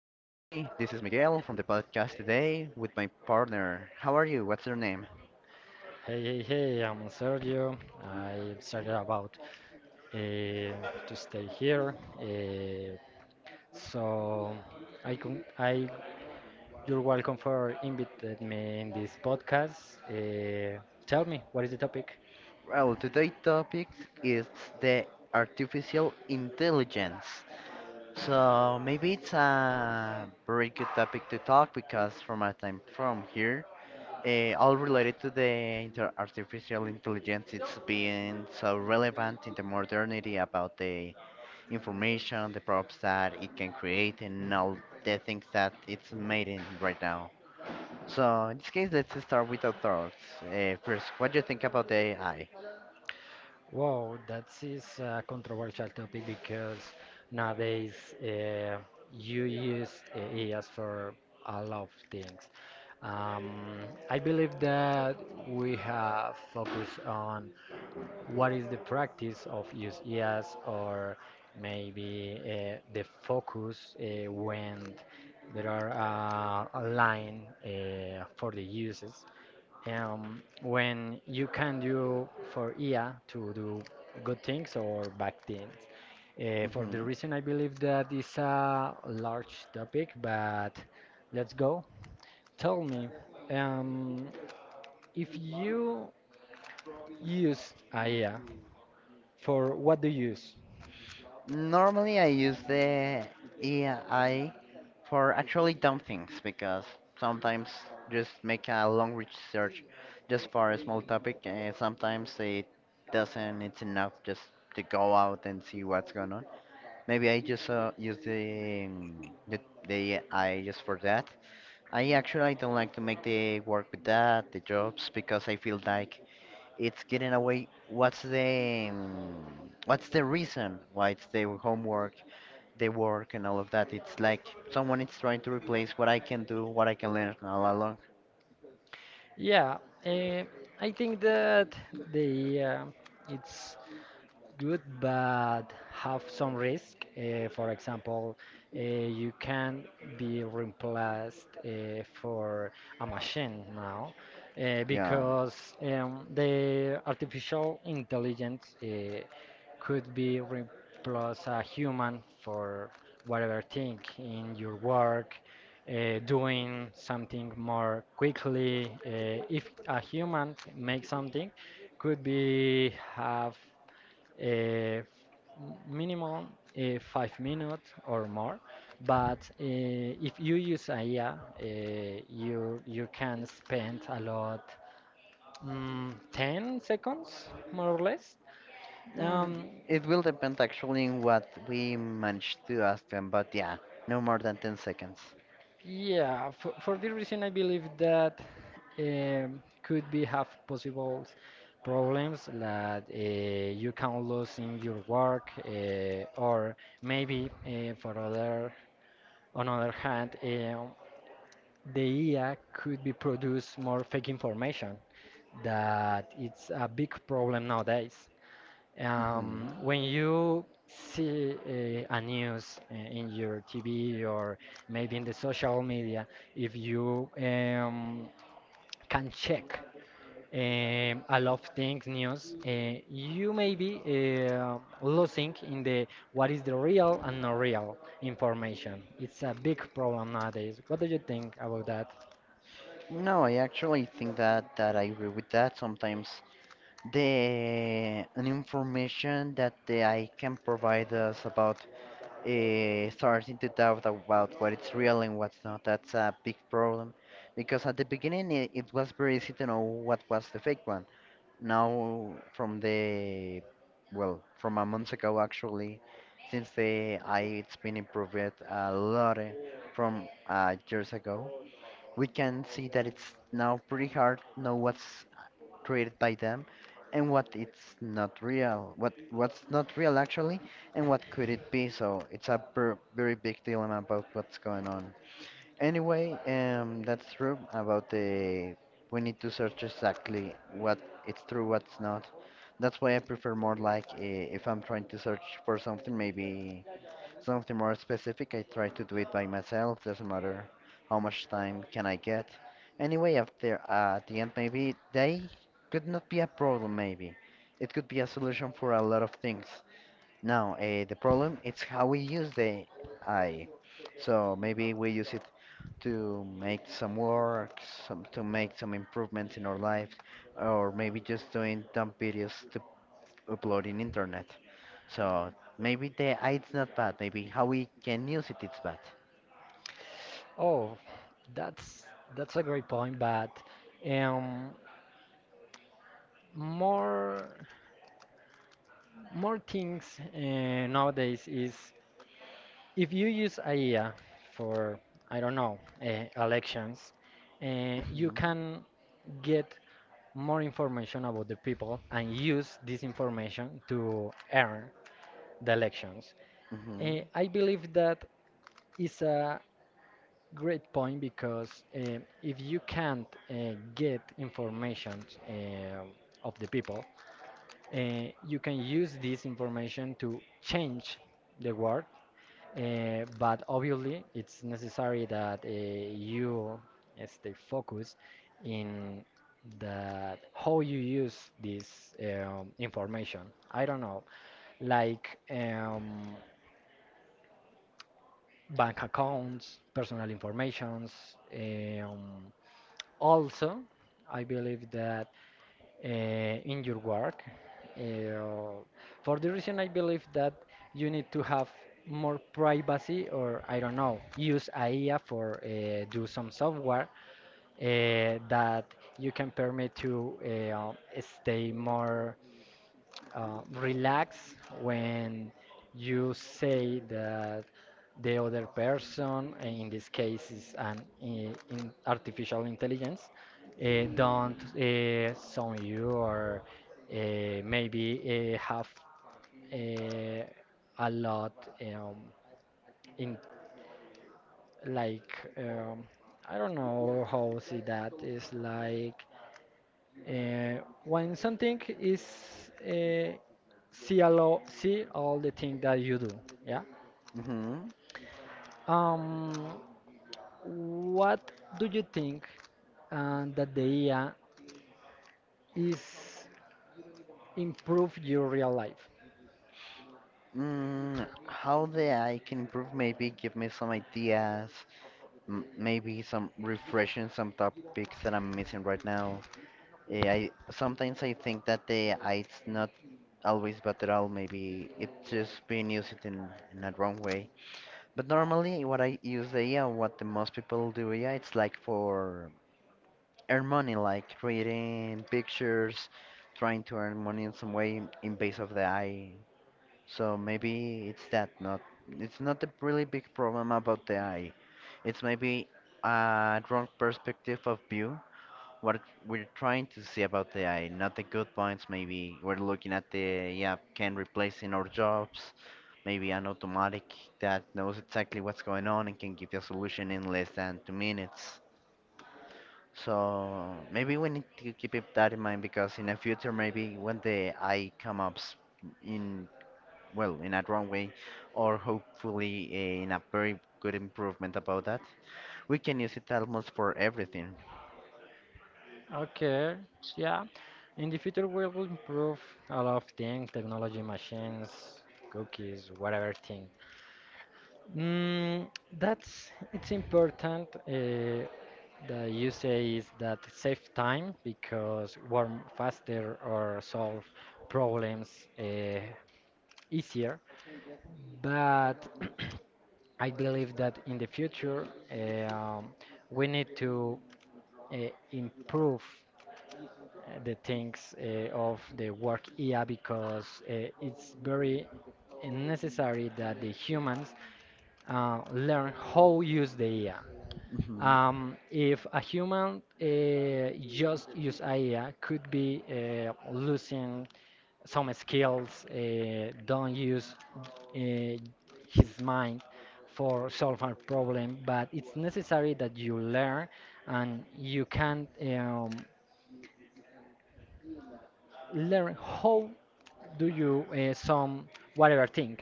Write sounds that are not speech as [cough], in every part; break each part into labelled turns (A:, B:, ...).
A: This is Miguel from the podcast today with my partner. How are you? What's your name?
B: Hey, hey, hey, I'm Sergio. I decided about to stay here. Uh, so I, con- I, you're welcome for invited me in this podcast. Tell me, what is the topic?
A: Well, today's topic is the artificial intelligence. So maybe it's a very good topic to talk because from my time from here, all related to the artificial intelligence, it's been so relevant in the modernity about the information, the props that it can create, and all the things that it's made in right now. So in this case, let's start with our thoughts. First, what do you think about the AI?
B: Wow, that is a controversial topic because nowadays uh, you use AI for a lot of things. Um, I believe that we have focused on what is the practice of use EAS or maybe the focus when there are a line for the uses. When you can do for IA to do good things or bad things. For the
A: Hmm.
B: reason I believe that is a large topic, but let's go. Tell me, um, if you used IA, for what do you use?
A: Normally, I use the AI for actually dumb things because sometimes just make a long research just for a small topic, and sometimes it doesn't. It's enough just to go out and see what's going on. Maybe I just use the the AI just for that. I actually I don't like to make the work with that, the jobs, because I feel like it's getting away. What's the reason why it's the homework, the work, and all of that? It's like someone is trying to replace what I can do, what I can learn all along.
B: Yeah, eh, I think that the it's good but have some risk. For example, you can be replaced for a machine now
A: Yeah.
B: because the artificial intelligence could be replaced a human for whatever thing in your work. Doing something more quickly. If a human make something, could be have uh, minimum 5 minutes or more. But if you use AI, you can spend a lot, 10 seconds more or less. Um,
A: Mm, it will depend actually on what we manage to ask them, but yeah, no more than 10 seconds.
B: for this reason, I believe that could be have possible problems that you can lose in your work or maybe for other on other hand the AI could be produce more fake information. That it's a big problem nowadays.
A: Hmm.
B: When you see a news in your TV or maybe in the social media, if you can check a lot of things news, you may be losing in the what is the real and not real information. It's a big problem nowadays. What do you think about that?
A: No, I actually think that I agree with that. Sometimes the an information that the AI can provide us about starting to doubt about what it's real and what's not. That's a big problem because at the beginning it was very easy to know what was the fake one. Now, from the well, from a month ago actually, since the I it's been improved a lot from years ago, we can see that it's now pretty hard to know what's created by them and what it's not real, what's not real actually and what could it be. So it's a very big dilemma about what's going on. Anyway, that's true about the we need to search exactly what it's true, what's not. That's why I prefer more like, if I'm trying to search for something, maybe something more specific, I try to do it by myself, doesn't matter how much time can I get. Anyway, after at the end, maybe they could not be a problem, maybe. It could be a solution for a lot of things. Now, the problem it's how we use the AI. So maybe we use it to make some work, some to make some improvements in our lives, or maybe just doing dumb videos to uploading internet. So maybe the I it's not bad. Maybe how we can use it it's bad.
B: Oh, That's that's a great point, but um, more more things nowadays is if you use AI for I don't know elections, you
A: Mhm.
B: can get more information about the people and use this information to earn the elections.
A: Mhm.
B: I believe that is a great point because if you can't get information of the people. You can use this information to change the word, but obviously it's necessary that you stay focused in that how you use this information. I don't know, like um, bank accounts, personal informations. Um, Also, I believe that in your work. Uh, for the reason I believe that you need to have more privacy, or I don't know, use AIA for do some software that you can permit to stay more relax when you say that the other person, in this case is in artificial intelligence, don't sound you or maybe have uh, a lot um, in like I don't know how to say that. It's like uh, when something is see see all the thing that you do, yeah.
A: Mhm.
B: Um, what do you think that the AI is improve your real life?
A: Mm, how the AI can improve? Maybe give me some ideas. M Maybe some refreshing some topics that I'm missing right now. Yeah, I sometimes I think that the AI it's not always bad at all. Maybe it's just being used it in a wrong way. But normally, what I use the AI, what the most people do AI, it's like for earn money, like reading pictures, trying to earn money in some way in base of the eye. So maybe it's that not it's not a really big problem about the eye. It's maybe a wrong perspective of view. What we're trying to see about the eye, not the good points. Maybe we're looking at the yeah can replace in our jobs. Maybe an automatic that knows exactly what's going on and can give you a solution in less than 2 minutes. So maybe we need to keep it that in mind because in the future, maybe when the eye come up in, well, in a wrong way, or hopefully in a very good improvement about that, we can use it almost for everything.
B: Okay, yeah. In the future, we will improve a lot of things, technology, machines, cookies, whatever thing. Mm, that's it's important that you say is that save time because we're faster or solve problems easier. But [clears throat] I believe that in the future we need to uh, improve the things of the work IA because it's very necessary that the humans learn how use the IA.
A: Mhm.
B: If a human just use AI, could be losing some skills, don't use his mind for solving a problem, but it's necessary that you learn and you can learn how do you some whatever thing.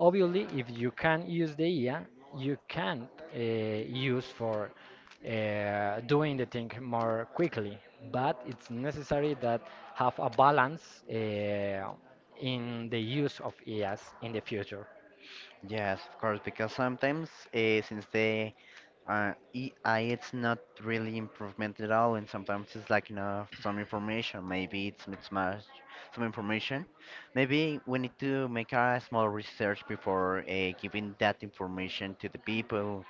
B: Obviously, if you can use the IA, you can use for doing the thing more quickly. But it's necessary that have a balance in the use of IAs in the future.
A: Yes, of course, because sometimes since the AI, it's not really improvement at all, and sometimes it's like enough some information. Maybe it's mismatched some information. Maybe we need to make a small research before giving that information to the people,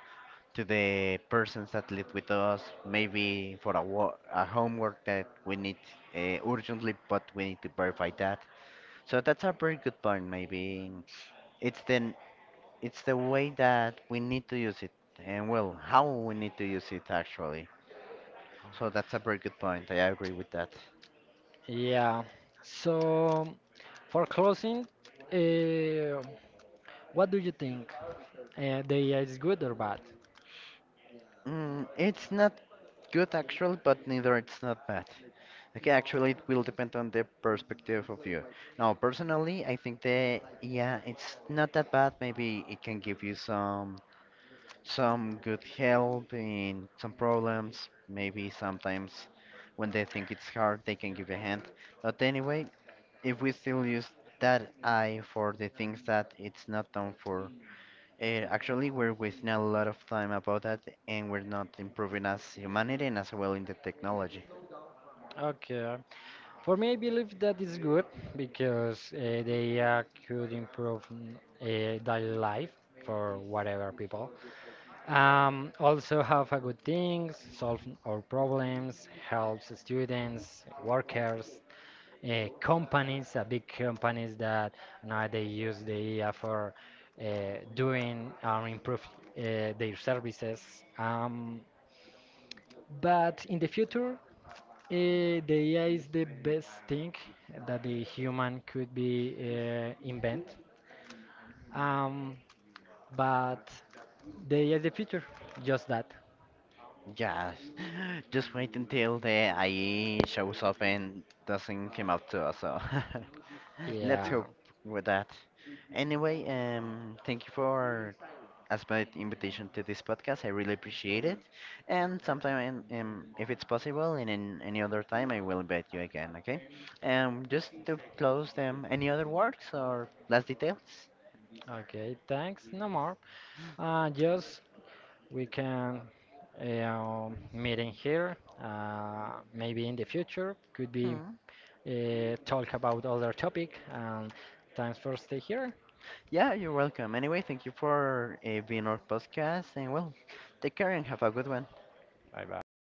A: to the persons that live with us. Maybe for a, a homework that we need urgently, but we need to verify that. So that's a very good point. Maybe it's then it's the way that we need to use it, and well, how we need to use it actually. So that's a very good point. I agree with that.
B: Yeah. So for closing, uh, what do you think? The IA is good or bad?
A: Mm, it's not good actually, but neither it's not bad. Okay, actually, it will depend on the perspective of you. Now, personally, I think that yeah, it's not that bad. Maybe it can give you some good help in some problems. Maybe sometimes when they think it's hard, they can give a hand. But anyway, if we still use that eye for the things that it's not done for. Actually, we're wasting a lot of time about that, and we're not improving as humanity and as well in the technology.
B: Okay. For me, I believe that is good because they could improve daily life for whatever people. Also have a good things, solve our problems, helps students, workers, companies, big companies that now they use the AI for doing or improve their services. Um, but in the future, the AI is the best thing that the human could be invent. Um, but the AI is the future. Just that.
A: Yes, [laughs] just wait until the IE shows up and doesn't come up to us. So [laughs] let's
B: Yeah.
A: hope with that. Anyway, thank you for as my invitation to this podcast. I really appreciate it. And sometime, if it's possible, and in any other time, I will invite you again, okay? Just to close them, any other works or last details?
B: Okay. Thanks. No more. Just we can meet in here. Maybe in the future could be
A: Hmm.
B: talk about other topic. And thanks for stay here.
A: Yeah, you're welcome. Anyway, thank you for being our podcast, and well, take care and have a good one.
B: Bye bye.